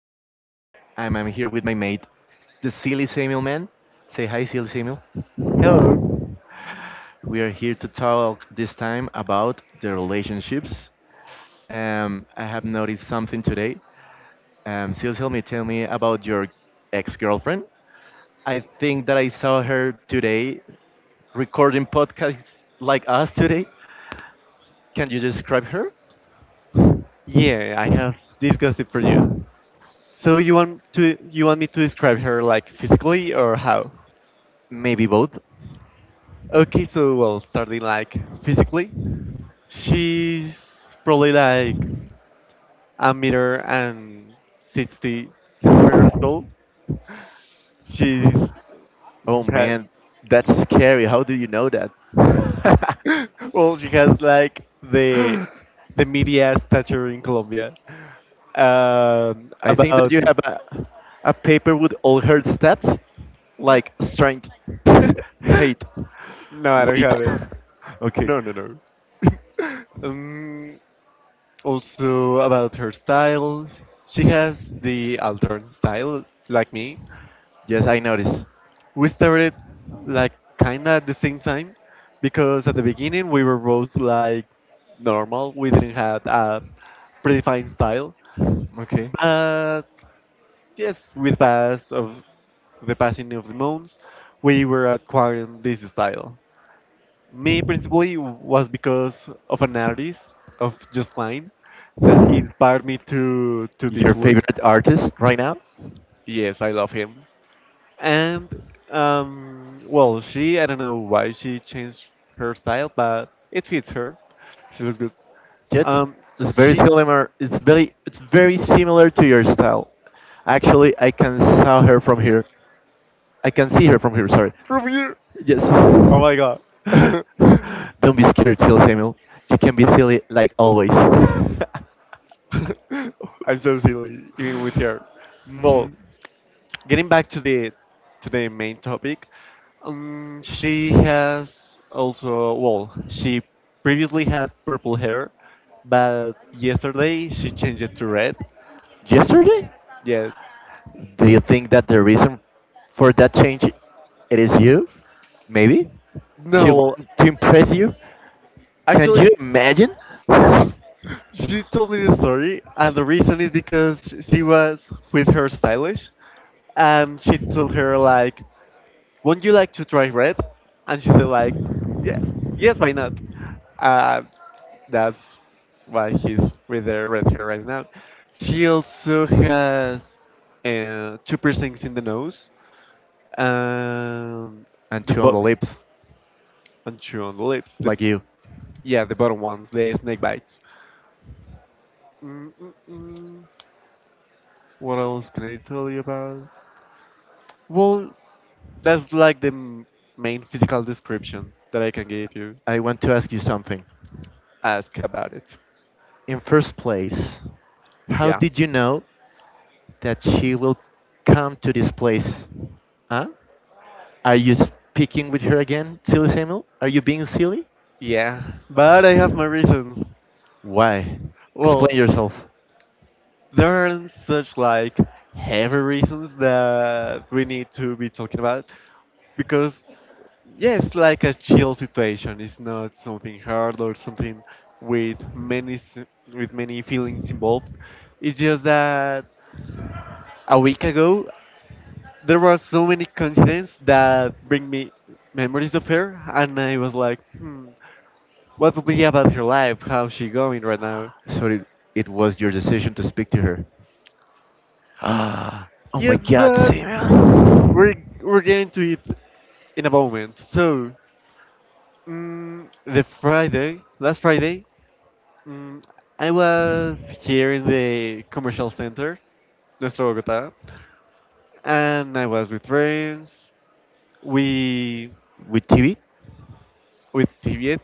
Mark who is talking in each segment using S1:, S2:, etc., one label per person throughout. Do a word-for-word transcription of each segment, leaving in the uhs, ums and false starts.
S1: David Castro. I'm, I'm here with my mate, the Silly Samuel man. Say hi, Silly Samuel.
S2: Hello.
S1: We are here to talk this time about the relationships. Um, I have noticed something today. Um, Silly, tell me, tell me about your ex-girlfriend. I think that I saw her today recording podcasts like us today. Can you describe her?
S2: Yeah, I have this gossip for you. So you want to you want me to describe her like physically or how?
S1: Maybe both.
S2: Okay, so well, starting like physically, she's probably like a meter and sixty centimeters tall. She's
S1: Oh
S2: had
S1: man, that's scary. How do you know that?
S2: well, she has like the the media stature in Colombia. Um,
S1: I think that
S2: about
S1: you have a, a paper with all her stats, like strength,
S2: no,
S1: hate,
S2: I don't
S1: weight.
S2: have it.
S1: Okay.
S2: No, no, no. Um, Also about her style, she has the altern style like me.
S1: Yes, I noticed.
S2: We started like kinda at the same time because at the beginning we were both like normal. We didn't have a predefined style,
S1: Okay.
S2: but yes, with pass of the passing of the months, we were acquiring this style. Me principally was because of an artist of Just Klein that he inspired me to to this
S1: Your
S2: look.
S1: favorite artist right now?
S2: Yes, I love him. And um, well, she I don't know why she changed her style, but it fits her. She looks good.
S1: Jet.
S2: Um,
S1: It's very
S2: she
S1: similar. It's very it's very similar to your style. Actually, I can saw her from here. I can see her from here. Sorry.
S2: from here.
S1: Yes.
S2: Oh my god, I'm
S1: Don't be scared, Till Samuel. You can be silly like always.
S2: so silly even with her. Well,
S1: Hmm.
S2: getting back to the to the main topic, um, she has also, well, she previously had purple hair, but yesterday she changed it to red.
S1: Yesterday?
S2: Yes.
S1: Do you think that the reason for that change it is you? Maybe? She
S2: No, well,
S1: wanted to impress you? Can you
S2: actually,
S1: imagine?
S2: she told me the story, and the reason is because she was with her stylist, and she told her like, "Won't you like to try red?" And she said like, "Yes, yes, why not?" Uh, that's why he's with the red hair right now. She also has uh, two piercings in the nose, and
S1: And
S2: the
S1: two on the
S2: bo-
S1: lips,
S2: and two on the lips. The
S1: like you.
S2: Yeah, the bottom ones, the snake bites. Mm-mm-mm. What else can I tell you about? Well, that's like the m- main physical description that I can give you.
S1: I want to ask you something.
S2: Ask about it.
S1: In first place, how
S2: Yeah.
S1: did you know that she will come to this place? Huh? Are you speaking with her again, silly Samuel? Are you being silly?
S2: Yeah, but I have my reasons.
S1: Why?
S2: Well,
S1: Explain yourself.
S2: there aren't such like heavy reasons that we need to be talking about because yeah, it's like a chill situation. It's not something hard or something with many s- with many feelings involved. It's just that a week ago there were so many coincidences that bring me memories of her, and I was like, hmm, what would be about her life? How's she going right now?
S1: So it, it was your decision to speak to her. Ah, oh my
S2: Yes,
S1: god,
S2: but
S1: Samuel.
S2: we're we're getting to it in a moment. So, mm, the Friday, last Friday, mm, I was here in the commercial center, Nuestro Bogotá, and I was with friends. We
S1: With T V?
S2: with Tiviet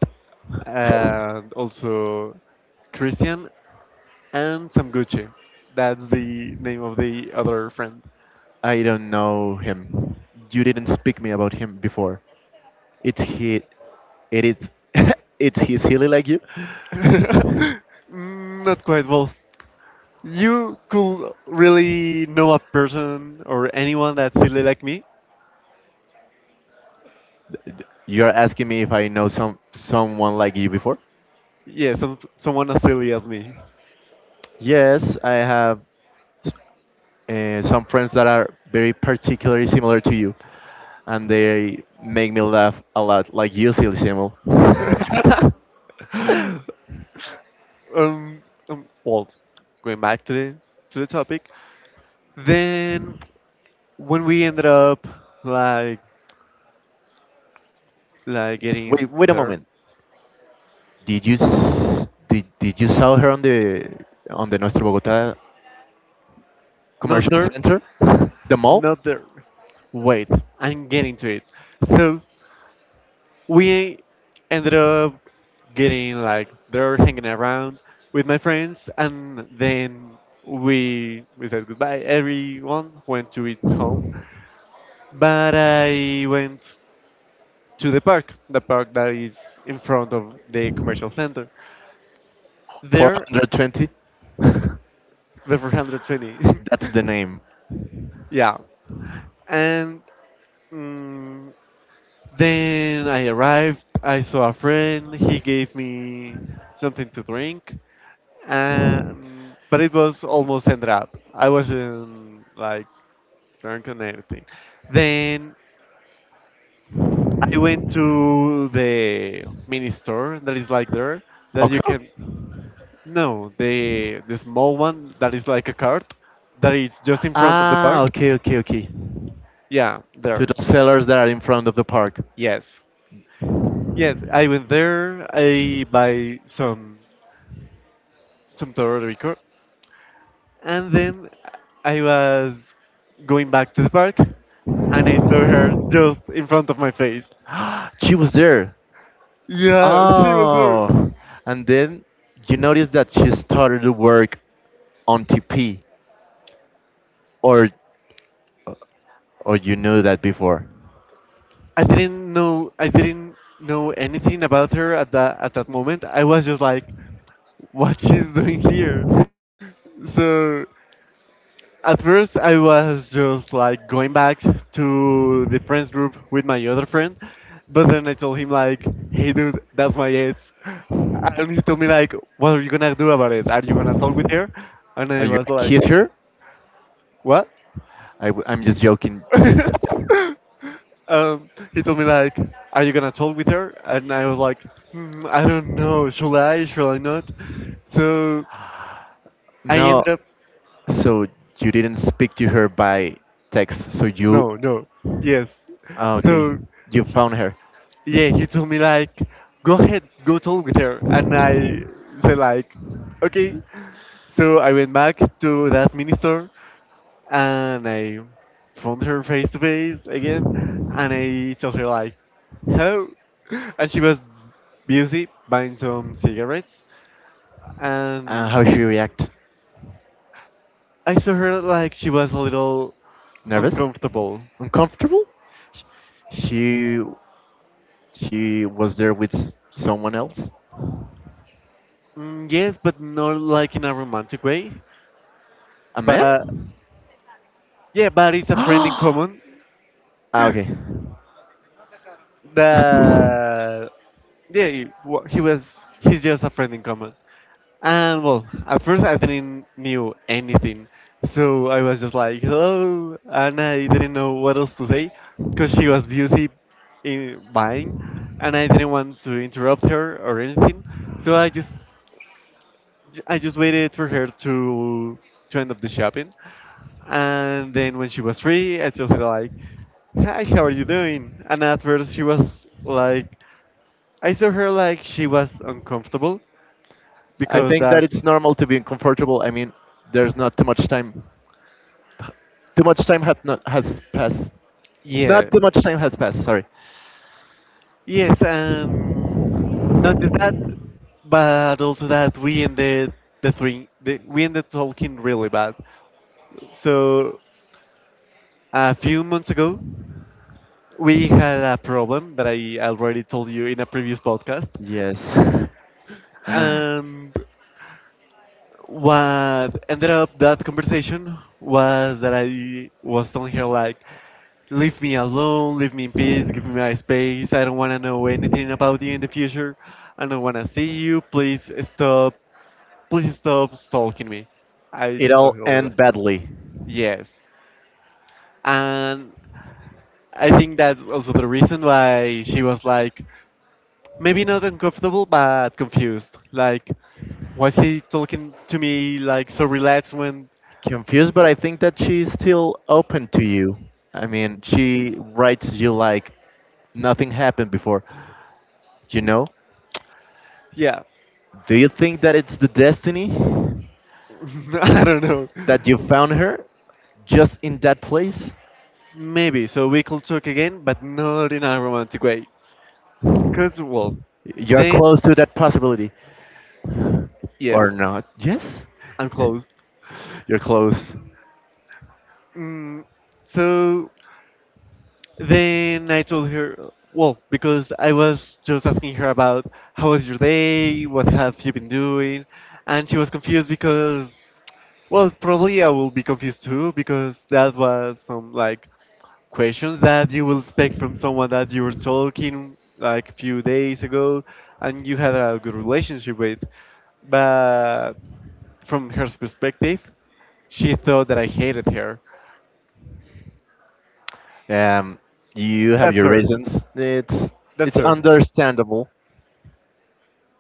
S2: and also Christian and Sam Gucci. That's the name of the other friend.
S1: I don't know him. You didn't speak me about him before. It's he. It is. It's he silly like you?
S2: Mm, Not quite well. You could really know a person or anyone that's silly like me?
S1: You're asking me if I know some someone like you before?
S2: Yeah, some, someone as silly as me.
S1: Yes, I have uh, some friends that are very particularly similar to you, and they make me laugh a lot, like you, silly Samuel.
S2: um, um, well, going back to the to the topic, then when we ended up like like
S1: Wait,
S2: getting
S1: wait a
S2: there,
S1: moment. Did you s- did, did you sell her on the on the Nuestro Bogotá
S2: not
S1: commercial
S2: there,
S1: center, the mall,
S2: not there. Wait, I'm getting to it. So we ended up getting like they're hanging around with my friends, and then we we said goodbye. Everyone went to its home, but I went to the park the park that is in front of the commercial center,
S1: for
S2: there,
S1: one hundred twenty?
S2: the four twenty.
S1: That's the name.
S2: Yeah, and mm, then I arrived, I saw a friend, he gave me something to drink. Um, but it was almost end up. I wasn't like drunk and everything. Then I went to the mini store that is like there that you
S1: Oxo?
S2: can, no, the the small one that is like a cart, that is just in front of the
S1: Ah,
S2: park.
S1: okay, okay, okay.
S2: Yeah,
S1: To
S2: there.
S1: the sellers that are in front of the park.
S2: Yes, yes. I went there. I buy some some Puerto. And then I was going back to the park, and I saw her just in front of my face.
S1: She was there.
S2: Yeah, she was there.
S1: Oh, and then you notice that she started to work on T P, or or you knew that before.
S2: I didn't know I didn't know anything about her at that at that moment. I was just like, what she's doing here.
S1: You
S2: So at first, I was just like going back to the friends group with my other friend, but then I told him like, "Hey, dude, that's my ex," and he told me like, "What are you gonna do about it? Are you gonna talk with her?" And I
S1: like,
S2: was
S1: kiss
S2: like,
S1: her?
S2: "What?"
S1: I am just joking.
S2: Um, he told me like, "Are you gonna talk with her?" And I was like, hmm, "I don't know. Should I? Should I not?" So I
S1: No,
S2: ended up,
S1: so you didn't speak to her by text. So you,
S2: no, no, yes.
S1: ah, okay,
S2: So
S1: you found her.
S2: yeah, he told me like, go ahead, go talk with her, and I said like, okay. So I went back to that minister, and I found her face to face again, and I told her like, hello, and she was busy buying some cigarettes,
S1: Uh, how
S2: and
S1: she react?
S2: I saw her like she was a little
S1: Nervous?
S2: uncomfortable.
S1: Uncomfortable? Sh- She she was there with s- someone else.
S2: Mm, yes, but not like in a romantic way.
S1: A man?
S2: But yeah, but it's a friend in common,
S1: Ah, okay.
S2: that yeah, he, wa- he was he's just a friend in common, and well, at first I didn't knew anything, so I was just like hello, and I didn't know what else to say because she was busy in buying, and I didn't want to interrupt her or anything, so i just I just waited for her to to end up the shopping. And then when she was free, I just her like, hi, how are you doing, and at first she was like, I saw her like she was uncomfortable
S1: I
S2: because
S1: think that
S2: that's,
S1: it's normal to be uncomfortable. I mean, there's not too much time. Too much time has not has passed.
S2: yeah,
S1: Not too much time has passed. Sorry.
S2: yes, and not just that, but also that we ended the three, the, we ended talking really bad. So a few months ago, we had a problem that I already told you in a previous podcast,
S1: Yes.
S2: and what ended up that conversation was that I was telling her like, leave me alone, leave me in peace, give me my space. I don't want to know anything about you in the future. I don't want to see you. Please stop. Please stop stalking me. I
S1: It
S2: so hate
S1: all
S2: that.
S1: end badly.
S2: Yes. And I think that's also the reason why she was like, maybe not uncomfortable, but confused. Like, was he talking to me like so relaxed when,
S1: Confused, but I think that she's still open to you. I mean, she writes you like nothing happened before. You know?
S2: yeah,
S1: Do you think that it's the destiny
S2: I don't know.
S1: that you found her just in that place?
S2: Maybe. So we could talk again, but not in a romantic way. Cause well,
S1: You're
S2: then
S1: close to that possibility. Or
S2: yes,
S1: not? Yes,
S2: I'm closed.
S1: you're close.
S2: Mm, so then I told her, well, because I was just asking her about how was your day, what have you been doing, and she was confused because, well, probably I will be confused too because that was some like questions that you will expect from someone that you were talking like a few days ago and you had a good relationship with, but from her perspective. She thought that I hated her.
S1: Um, you have
S2: That's
S1: your
S2: her.
S1: reasons. It's
S2: That's
S1: it's
S2: her.
S1: understandable.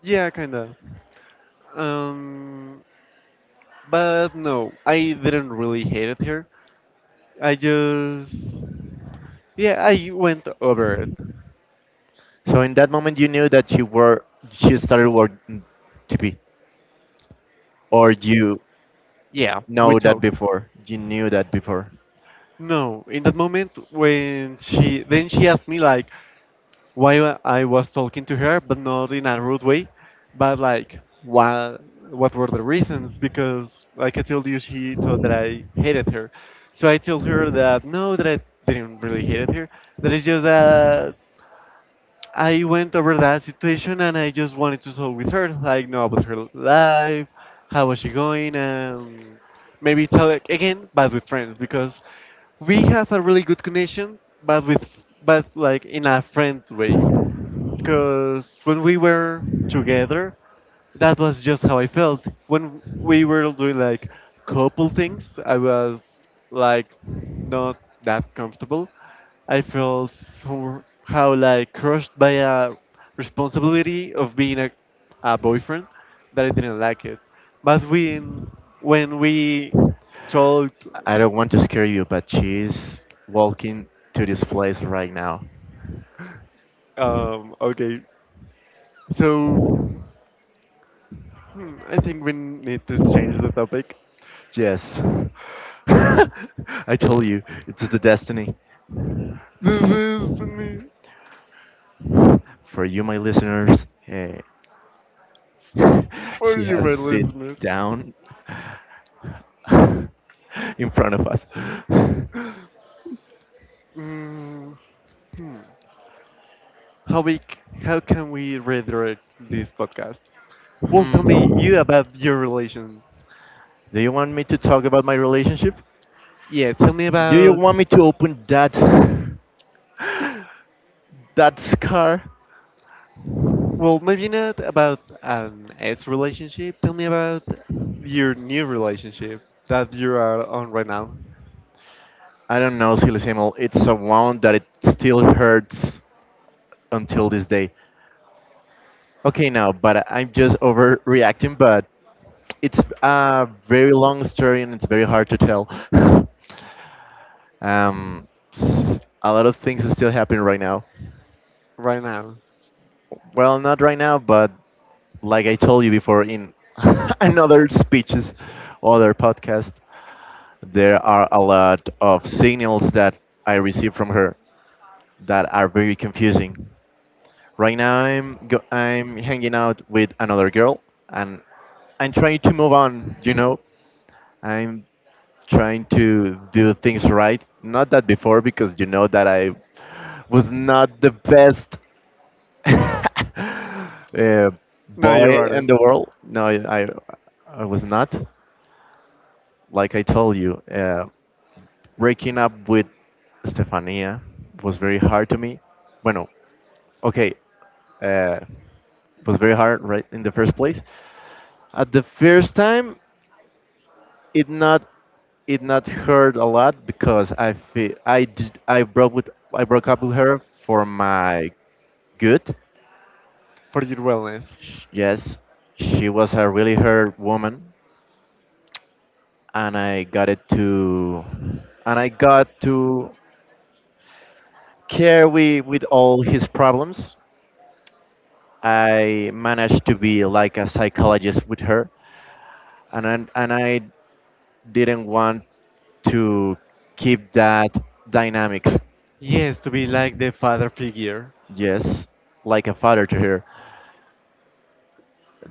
S2: Yeah, kinda. Um, but no, I didn't really hated her. I just, yeah, I went over it.
S1: So in that moment, you knew that you were you started working T P, or you
S2: Yeah. We
S1: know that
S2: talked.
S1: before. You knew that before.
S2: No, in that moment, when she then she asked me like, why I was talking to her, but not in a rude way, but like what what were the reasons? Because like I told you, she thought that I hated her, so I told her that no, that I didn't really hate her. That it's just that I went over that situation, and I just wanted to talk with her, like know about her life, how was she going, and maybe tell it again, but with friends because we have a really good connection, but with, but like in a friend way, because when we were together, that was just how I felt. When we were doing like couple things, I was like not that comfortable. I felt somehow like crushed by a responsibility of being a, a boyfriend that I didn't like it. But when when we talked,
S1: I don't want to scare you, but she's walking to this place right now.
S2: um, okay, so hmm, I think we need to change the topic.
S1: Yes, I told you, it's the destiny.
S2: This is me.
S1: For you, my listeners. Eh,
S2: For
S1: she
S2: you,
S1: has
S2: my
S1: sit
S2: listeners.
S1: down in front of us.
S2: Mm, hmm. How we, c- how can we redirect this podcast? Well, tell me you
S1: Hmm.
S2: about your relation.
S1: Do you want me to talk about my relationship?
S2: Yeah, tell me
S1: Do you
S2: about.
S1: want me to open that that scar?
S2: Well, maybe not about an ex relationship. Tell me about your new relationship that you are on right now.
S1: I don't know, Silly Samuel. It's a wound that it still hurts until this day. Okay, now, but I'm just overreacting, but it's a very long story and it's very hard to tell. um, s- a lot of things is still happening right now.
S2: Right now.
S1: Well, not right now, but like I told you before in another speeches, other podcast, there are a lot of signals that I receive from her that are very confusing. Right now, I'm go- I'm hanging out with another girl, and I'm trying to move on. You know, I'm trying to do things right. Not that before, because you know that I was not the best uh,
S2: No, you
S1: boy in
S2: aren't.
S1: the world. No, I I was not. Like I told you, uh, breaking up with Stefania was very hard to me. Bueno, okay, uh, was very hard right in the first place. At the first time, it not it not hurt a lot because I feel I did, I broke with I broke up with her for my good.
S2: For your wellness.
S1: Sh- Yes, she was a really hurt woman, and I got it to and I got to care with, with all his problems. I managed to be like a psychologist with her, and I, and I didn't want to keep that dynamics.
S2: Yes, to be like the father figure.
S1: Yes, like a father to her.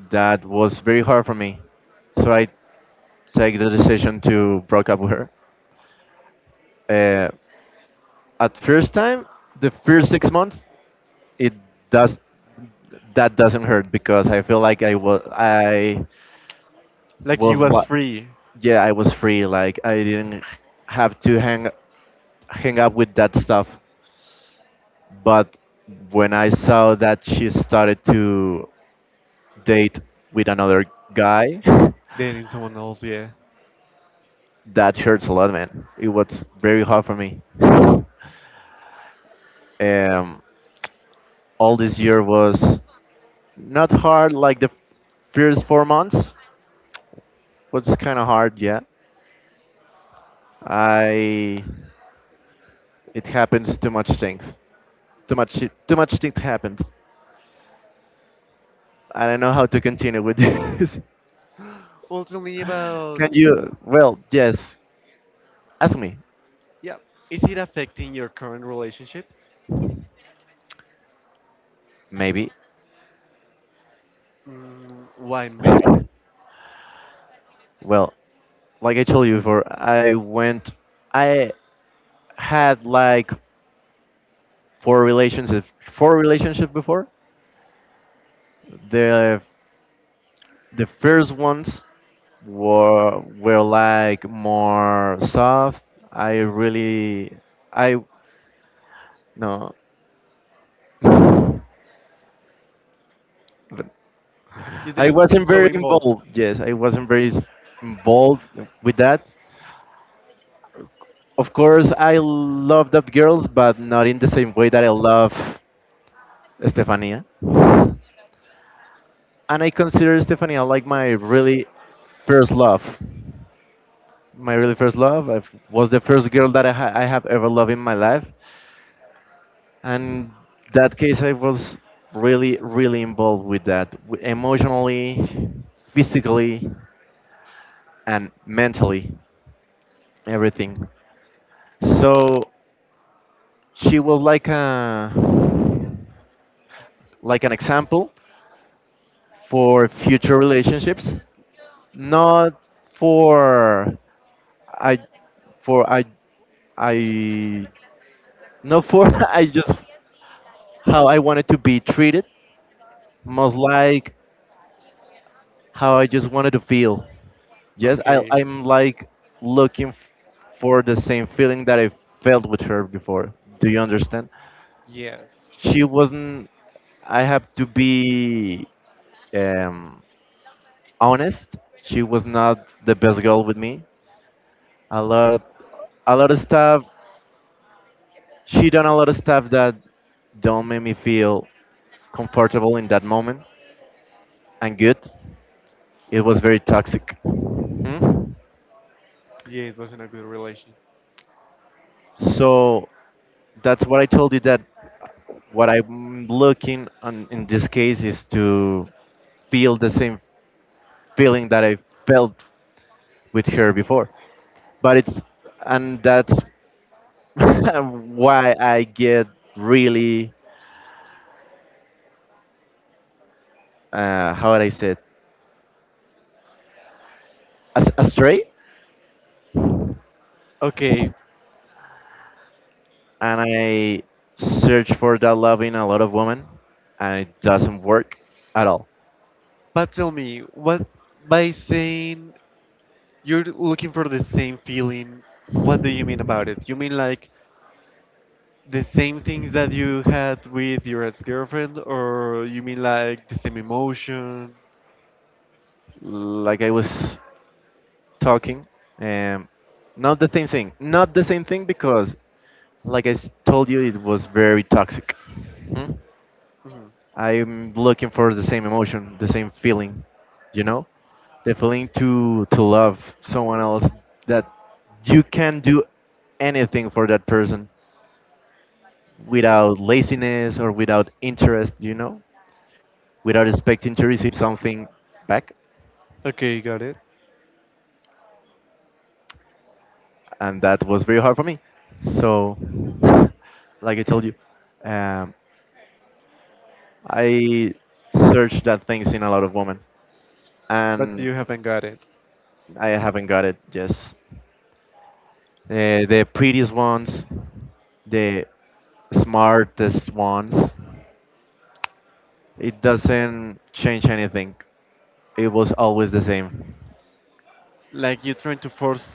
S1: That was very hard for me. So I take the decision to break up with her. Uh, at first time, the first six months, it does that doesn't hurt because I feel like I was I
S2: Like you
S1: was
S2: was
S1: like
S2: free
S1: yeah, I was free, like I didn't have to hang hang up with that stuff. But when I saw that she started to date with another guy,
S2: dating someone else, yeah.
S1: that hurts a lot, man. It was very hard for me. um all this year was not hard. Like the first four months was kind of hard, yeah. I it happens too much things. Too much too much things happens. I don't know how to continue with this.
S2: Well, tell me about.
S1: Can you well, yes. Ask me.
S2: Yeah. Is it affecting your current relationship?
S1: Maybe.
S2: Mm, why, maybe.
S1: Well, like I told you before, I went I had like four relationships four relationships before. The The first ones were were like more soft. I really I No. But
S2: You
S1: I
S2: didn't seem
S1: wasn't
S2: so
S1: very
S2: involved.
S1: involved. Yes, I wasn't very s- involved with that. Of course, I love that girls, but not in the same way that I love Estefania. And I consider Estefania like my really first love. My really first love. I was the first girl that I, ha- I have ever loved in my life, and that case I was really really involved with that w- emotionally, physically, and mentally, everything. So she was like a like an example for future relationships, not for I for I I Not for I just how I wanted to be treated, most like how I just wanted to feel. Yes, I,
S2: Okay.
S1: I'm like looking f- for the same feeling that I felt with her before. Do you understand?
S2: Yes.
S1: She wasn't. I have to be um, honest. She was not the best girl with me. A lot of a lot of stuff. She done a lot of stuff that don't make me feel comfortable in that moment and good. It was very toxic. Hmm?
S2: Yeah, it wasn't a good relation.
S1: So that's what I told you, that what I'm looking on in this case is to feel the same feeling that I felt with her before. But it's and that's why I get really, uh, how would I say it, As- astray,
S2: Okay.
S1: and I search for that love in a lot of women, and it doesn't work at all.
S2: But tell me, what by saying you're looking for the same feeling, what do you mean about it? You mean like the same things that you had with your ex girlfriend, or you mean like the same emotion?
S1: Like I was talking. Um, Not the same thing. Not the same thing because, like I s- told you, it was very toxic. Hmm?
S2: Mhm.
S1: I'm looking for the same emotion, the same feeling, you know, the feeling to to love someone else that you can do anything for that person without laziness or without interest, you know, without expecting to receive something back.
S2: Okay, got it.
S1: And that was very hard for me. So, like I told you, um, I searched that things in a lot of women,
S2: But
S1: and
S2: you haven't got it.
S1: I haven't got it. Yes, uh, the prettiest ones, the smartest ones. It doesn't change anything. It was always the same.
S2: Like you're trying to force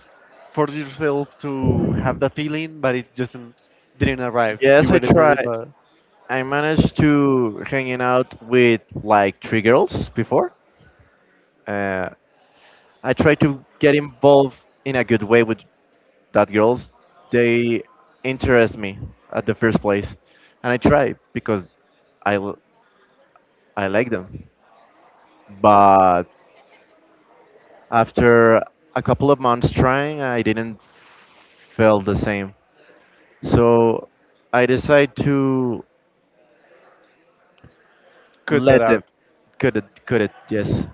S2: force yourself to have that feeling, but it just n- didn't arrive. You
S1: Yes, I
S2: waited for it,
S1: tried.
S2: but
S1: I managed to hanging out with like three girls before. Uh, I try to get involved in a good way with that girls. They interest me at the first place, and I try because I l- I like them. But after a couple of months trying, I didn't feel the same. So I decide to
S2: cut that
S1: let them.
S2: out.
S1: Cut it? Cut it? Yes.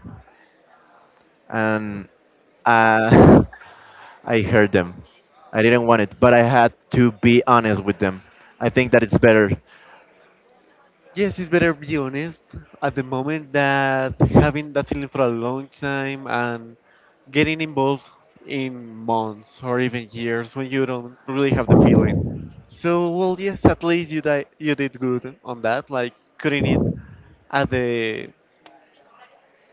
S1: and uh, I heard them. I didn't want it, but I had to be honest with them. I think that it's better.
S2: Yes, it's better be honest at the moment that having that feeling for a long time and getting involved in months or even years when you don't really have the feeling. So well, yes, at least you di- you did good on that, like cutting it at the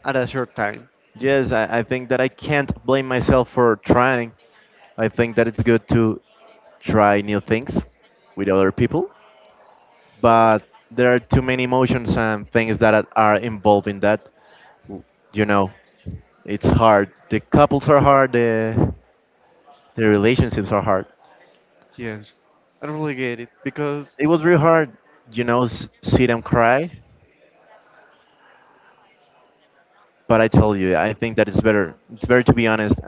S2: at a short time.
S1: Yes, I, I think that I can't blame myself for trying. I think that it's good to try new things with other people, but there are too many emotions and things that are are involved in that. W- You know, it's hard. The couples are hard. The the relationships are hard.
S2: Yes, I don't really get it because
S1: It was really hard, you know, s- sit and cry. But I tell you, I think that it's better. It's better to be honest.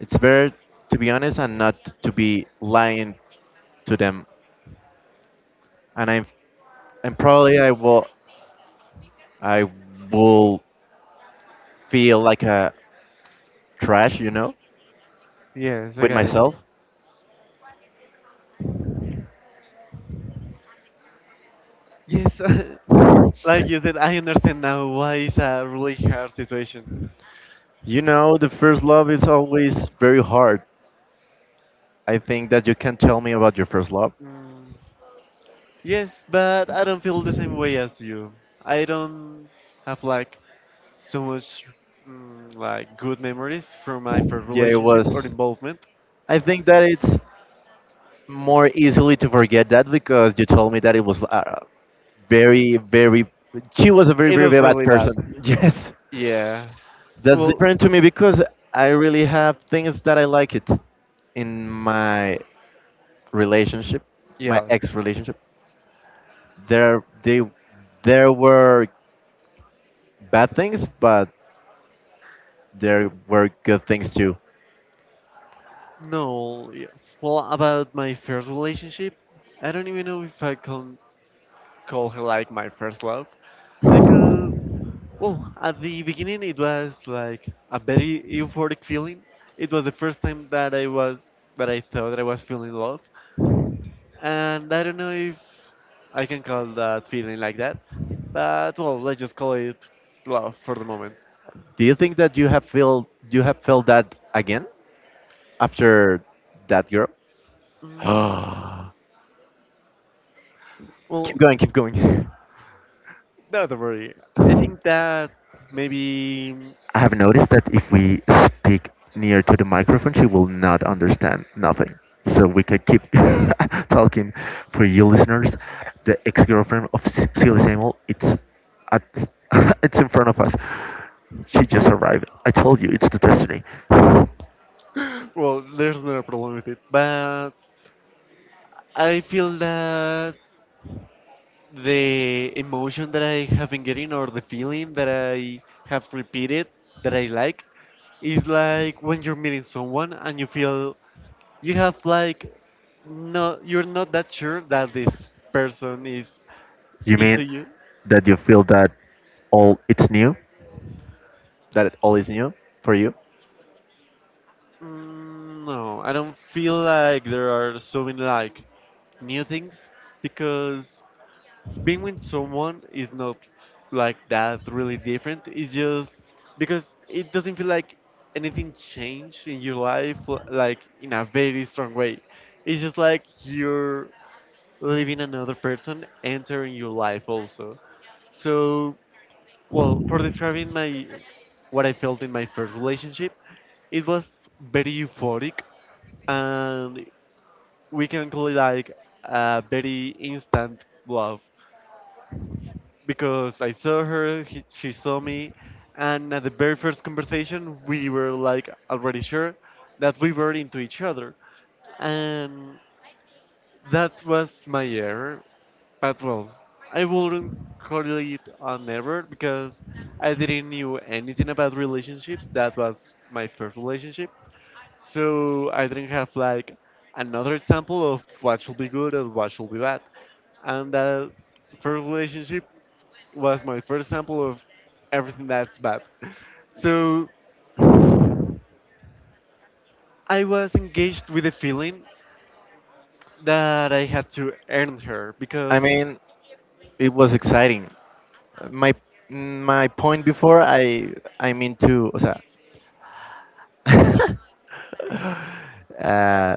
S1: It's better to be honest and not to be lying to them. And I'm and probably I will I will feel like a trash, you know,
S2: yes, I
S1: with
S2: got it.
S1: myself.
S2: Yes, like you said, I understand now why it's a really hard situation.
S1: You know, the first love is always very hard. I think that you can tell me about your first love.
S2: Mm, yes, but I don't feel the same way as you. I don't have like so much mm, like good memories from my first
S1: Yeah, it
S2: relationship or
S1: was.
S2: involvement.
S1: I think that it's more easily to forget that because you told me that it was uh, very, very. She was a very,
S2: It
S1: very,
S2: was
S1: very bad
S2: really bad.
S1: person. Yes,
S2: Yeah.
S1: that's
S2: Well,
S1: different to me because I really have things that I like it in my relationship, my
S2: yeah.
S1: ex relationship. There, they, there were bad things, but there were good things too.
S2: No, yes. Well, about my first relationship, I don't even know if I can call her like my first love because well, at the beginning, it was like a very euphoric feeling. It was the first time that I was that I thought that I was feeling love, and I don't know if I can call that feeling like that, but well, let's just call it love for the moment.
S1: Do you think that you have felt you have felt that again after that girl?
S2: Mm, well,
S1: Keep going, keep going.
S2: not to worry. I think that maybe
S1: I have noticed that if we speak near to the microphone, she will not understand nothing. So we can keep talking. For you listeners, the ex-girlfriend of S- Silly Samuel, it's at, it's in front of us. She just arrived. I told you, it's the destiny.
S2: well, there's no problem with it, but I feel that the emotion that I have been getting or the feeling that I have repeated that I like is like when you're meeting someone and you feel you have like no you're not that sure that this person is
S1: You
S2: into
S1: mean
S2: you.
S1: that you feel that all it's new? That it all is new for you?
S2: Mm, no, I don't feel like there are so many like new things because being with someone is not like that really different. It's just because it doesn't feel like anything changed in your life, l- like in a very strong way. It's just like you're living another person entering your life also. So, well, for describing my what I felt in my first relationship, it was very euphoric, and we can call it like a very instant love because I saw her, he, she saw me, and at the very first conversation, we were like already sure that we were into each other. And that was my error. But well, I wouldn't call it an error because I didn't knew anything about relationships. That was my first relationship. So I didn't have like another example of what should be good and what should be bad. And that first relationship was my first sample of everything that's bad. So I was engaged with the feeling that I had to earn her
S1: I
S2: because,
S1: mean, it was exciting. My my point before I I mean to o sea, uh,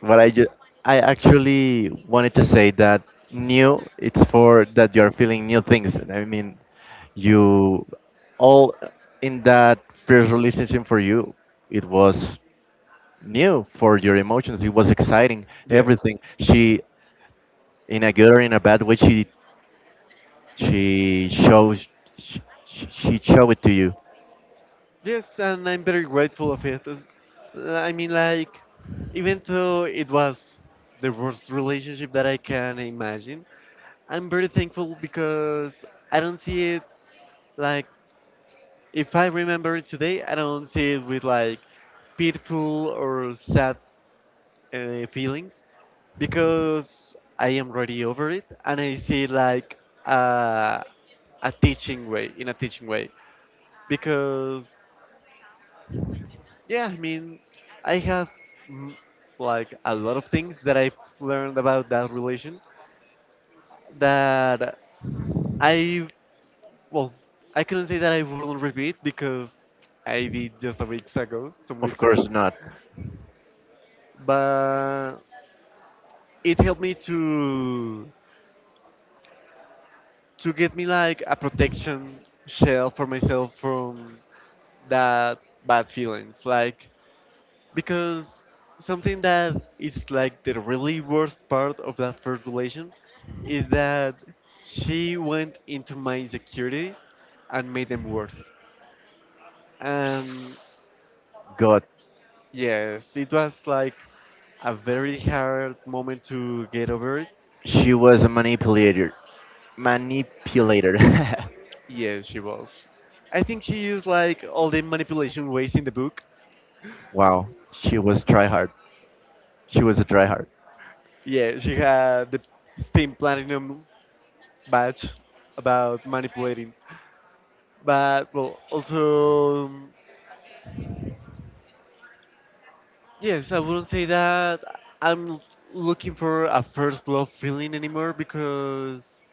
S1: what I just I actually wanted to say that new it's for that you are feeling new things. I mean, you all in that first relationship for you it was new for your emotions. It was exciting.
S2: yeah,
S1: Everything she in a good or in a bad way she She shows she, she showed it to you.
S2: yes, and I'm very grateful of it. As- I mean, like, even though it was the worst relationship that I can imagine, I'm very thankful because I don't see it like, if I remember it today, I don't see it with like pitiful or sad uh, feelings. Because I am already over it and I see like uh, a teaching way in a teaching way, because yeah I mean I have mm, like a lot of things that I've learned about that relation that I, well, I couldn't say that I wouldn't repeat because I did just a weeks ago some
S1: Of
S2: weeks ago
S1: course not.
S2: but it helped me to to get me like a protection shell for myself from that bad feelings, like, because something that is like the really worst part of that first relation is that she went into my insecurities and made them worse, and
S1: God,
S2: yes, it was like a very hard moment to get over it.
S1: she was a manipulator. Manipulator.
S2: Yes, she was. I think she used like all the manipulation ways in the book.
S1: Wow, she was tryhard. She was a tryhard.
S2: Yeah, she had the Steam platinum badge about manipulating. But well, also um, yes, I wouldn't say that I'm l- looking for a first love feeling anymore, because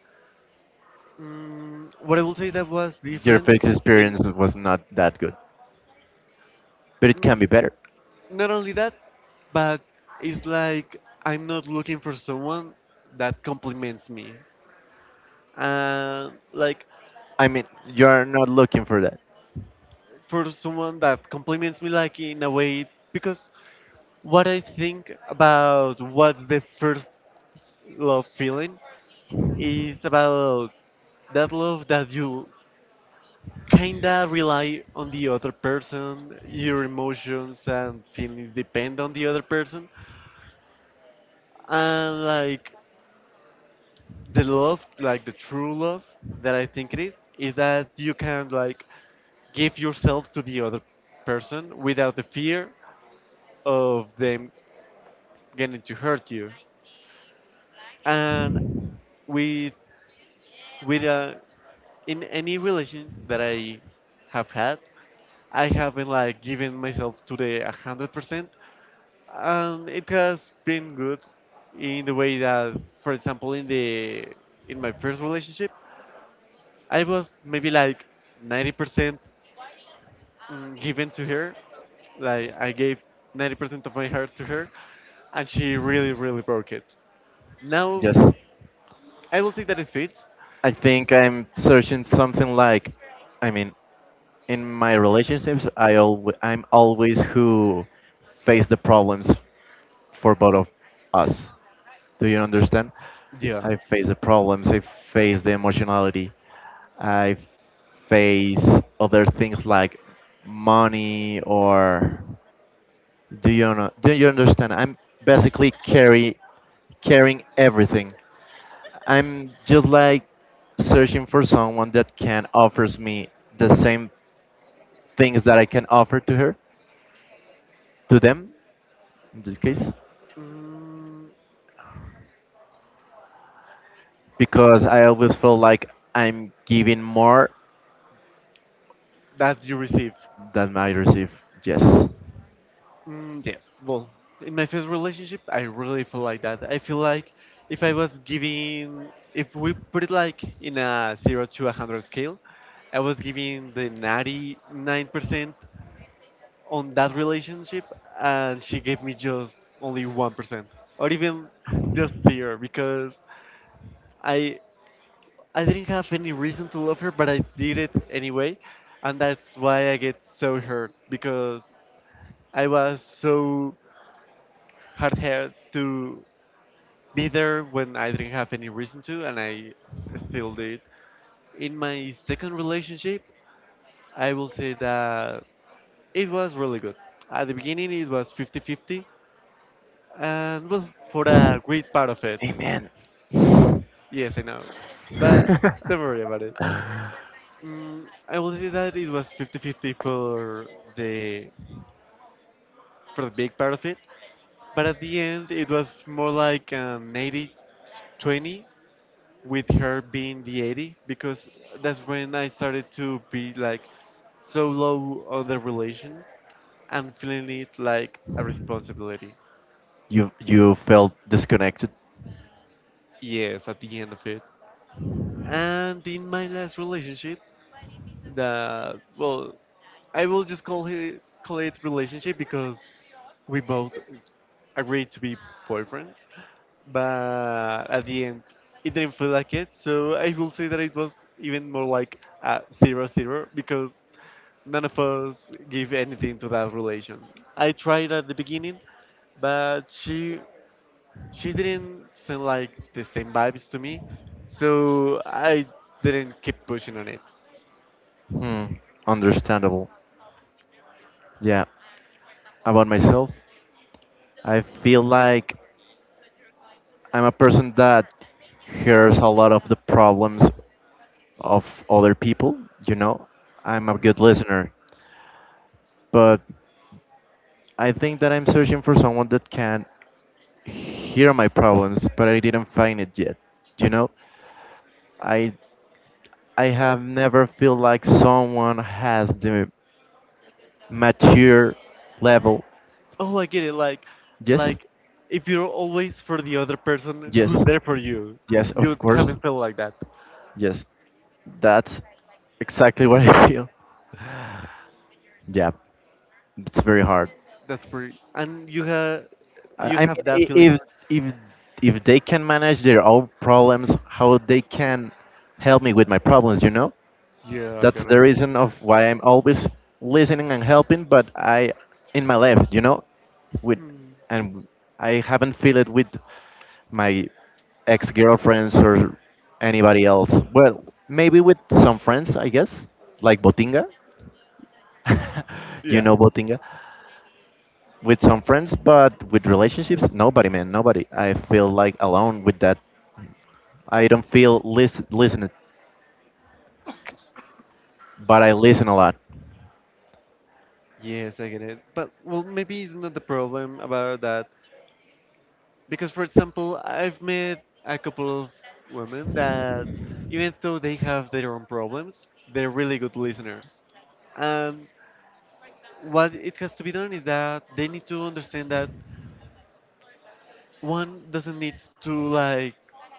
S2: mm what I would say that was
S1: Your
S2: different,
S1: fix
S2: and
S1: experience was not that good, but it can
S2: mm,
S1: be better.
S2: not only that, but it's like I'm not looking for someone that compliments me, and like
S1: I mean, you're not looking for that.
S2: for someone that compliments me like in a way, because what I think about what's the first love feeling is about that love that you kinda rely on the other person, your emotions and feelings depend on the other person, and like the love, like the true love that I think it is, is that you can like give yourself to the other person without the fear of them getting to hurt you, and with with uh, in any relation that I have had, I haven't like given myself to the hundred percent. Um, it has been good in the way that, for example, in the in my first relationship, I was maybe like ninety percent mm, given to her. Like I gave ninety percent of my heart to her, and she really, really broke it. Now
S1: Just,
S2: I will say that it's fixed.
S1: I think I'm searching something like, I mean, in my relationships i always i'm always who face the problems for both of us, do you understand?
S2: Yeah,
S1: I face the problems, I face the emotionality, I face other things like money or, do you know, do you understand? I'm basically carry carrying everything. I'm just like searching for someone that can offers me the same things that I can offer to her, to them in this case,
S2: mm,
S1: because I always feel like I'm giving more
S2: that you receive.
S1: than I receive. Yes.
S2: Mm, yes. Well, in my first relationship, I really feel like that. I feel like if I was giving, if we put it like in a zero to a hundred scale, I was giving the ninety-nine percent on that relationship, and she gave me just only one percent, or even just zero, because I I didn't have any reason to love her, but I did it anyway, and that's why I get so hurt, because I was so hard headed to be there when I didn't have any reason to, and I still did. In my second relationship, I will say that it was really good. At the beginning, it was fifty fifty, and well, for a great part of it.
S1: Amen.
S2: Yes, I know. But don't worry about it. Mm, I will say that it was fifty fifty for the, for the big part of it, but at the end, it was more like an eighty twenty, with her being the eighty, because that's when I started to be like so low on the relation and feeling it like a responsibility.
S1: you you felt disconnected.
S2: Yes, at the end of it. And in my last relationship, that, well, I will just call it call it relationship because we both agreed to be boyfriends, but at the end it didn't feel like it. So I will say that it was even more like a zero zero, because none of us give anything to that relation. I tried at the beginning, but she she didn't send like the same vibes to me, so I didn't keep pushing on it.
S1: Hmm. Understandable. Yeah. About myself, I feel like I'm a person that hears a lot of the problems of other people. You know, I'm a good listener, but I think that I'm searching for someone that can hear my problems, but I didn't find it yet. You know, I I have never feel like someone has the mature level.
S2: Oh, I get it. Like,
S1: Yes,
S2: like if you're always for the other person
S1: yes,
S2: who's there for you,
S1: yes,
S2: you
S1: of course.
S2: haven't felt like that.
S1: Yes, that's exactly what I feel. Yeah, it's very hard.
S2: That's pretty, and you have
S1: I
S2: you
S1: I
S2: have
S1: mean,
S2: that
S1: i-
S2: feeling.
S1: if if if they can manage their own problems, how they can help me with my problems, you know?
S2: Yeah, I
S1: That's the
S2: gotta.
S1: reason of why I'm always listening and helping, but I in my life, you know, with
S2: Hmm.
S1: and I haven't feel it with my ex-girlfriends or anybody else. Well, maybe with some friends, I guess, like Botinga. You
S2: Yeah.
S1: know Botinga, with some friends, but with relationships, nobody, man, nobody. I feel like alone with that. I don't feel lis- listened, but I listen a lot.
S2: Yes, I get it. But well, maybe it's not the problem about that, because, for example, I've met a couple of women that, even though they have their own problems, they're really good listeners. And what it has to be done is that they need to understand that one doesn't need to, like,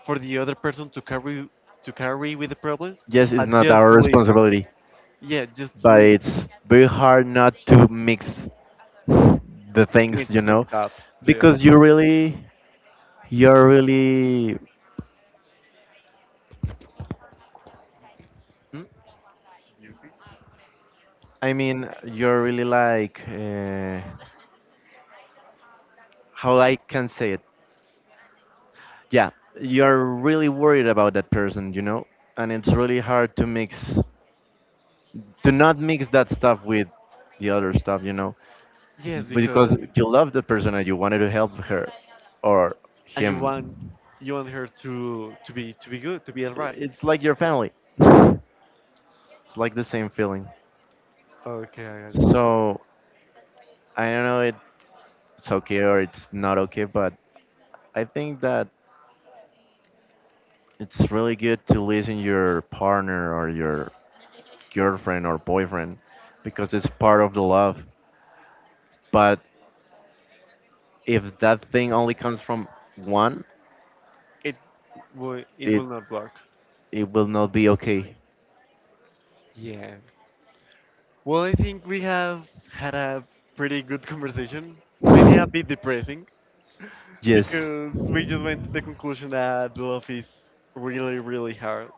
S2: for the other person to carry to carry with the problems,
S1: Yes, it's
S2: but
S1: not
S2: just
S1: our
S2: listen.
S1: responsibility,
S2: Yeah, just
S1: but
S2: listen.
S1: it's very hard not to mix the things,
S2: Mix
S1: you know,
S2: things up. So,
S1: because you really, you're really, Hmm? I mean, you're really like, uh, how I can say it. Yeah, you're really worried about that person, you know, and it's really hard to mix do not mix that stuff with the other stuff, you know,
S2: yes,
S1: because
S2: because
S1: you love the person and you wanted to help her or
S2: and you
S1: him.
S2: want you want her to to be to be good, to be alright.
S1: It's like your family. It's like the same feeling.
S2: Okay, I got it.
S1: So I don't know. It's it's okay or it's not okay, but I think that it's really good to listen your partner or your girlfriend or boyfriend because it's part of the love. But if that thing only comes from one,
S2: it will it
S1: it
S2: will not work.
S1: it will not be okay.
S2: Yeah. Well, I think we have had a pretty good conversation. Maybe a bit depressing,
S1: Yes,
S2: because we just went to the conclusion that love is really really hard,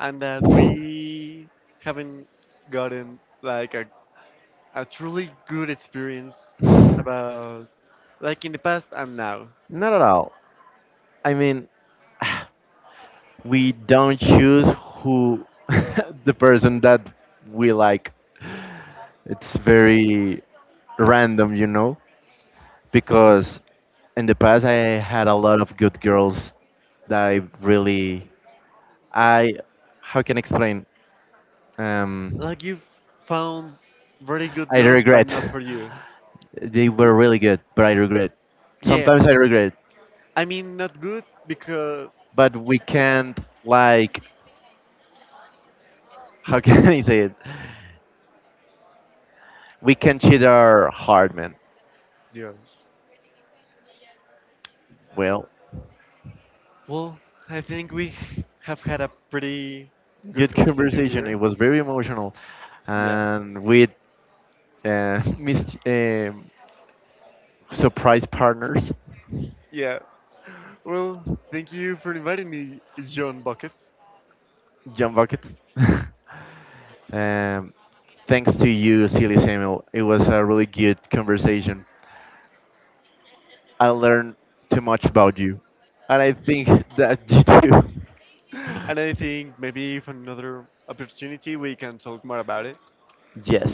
S2: and that we haven't gotten like a, a truly good experience about, like, in the past and now.
S1: not at all. I mean, we don't choose who the person that we like. It's very random, you know, because in the past I had a lot of good girls that I really I how can I explain? Um,
S2: Like you've found very good
S1: I
S2: girls but not
S1: regret.
S2: for you.
S1: They were really good, but I regret.
S2: Yeah.
S1: Sometimes I regret,
S2: I mean not good because
S1: but we can't like how can I say it? We can cheat our heart, man.
S2: yeah.
S1: Well,
S2: Well, I think we have had a pretty good
S1: good
S2: conversation
S1: conversation.
S2: here.
S1: It was very emotional,
S2: Yeah.
S1: and with uh, mis- um surprise partners,
S2: Yeah. Well, thank you for inviting me, John Buckets.
S1: John Buckets. um, thanks to you, Silly Samuel. It was a really good conversation. I learned too much about you, and I think that you too.
S2: And I think maybe for another opportunity we can talk more about it.
S1: Yes.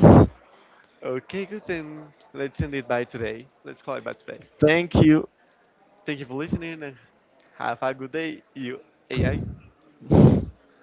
S2: Okay, good then. Let's end it by today. Let's call it by today.
S1: Thank you.
S2: Thank you for listening and have a good day, you A I.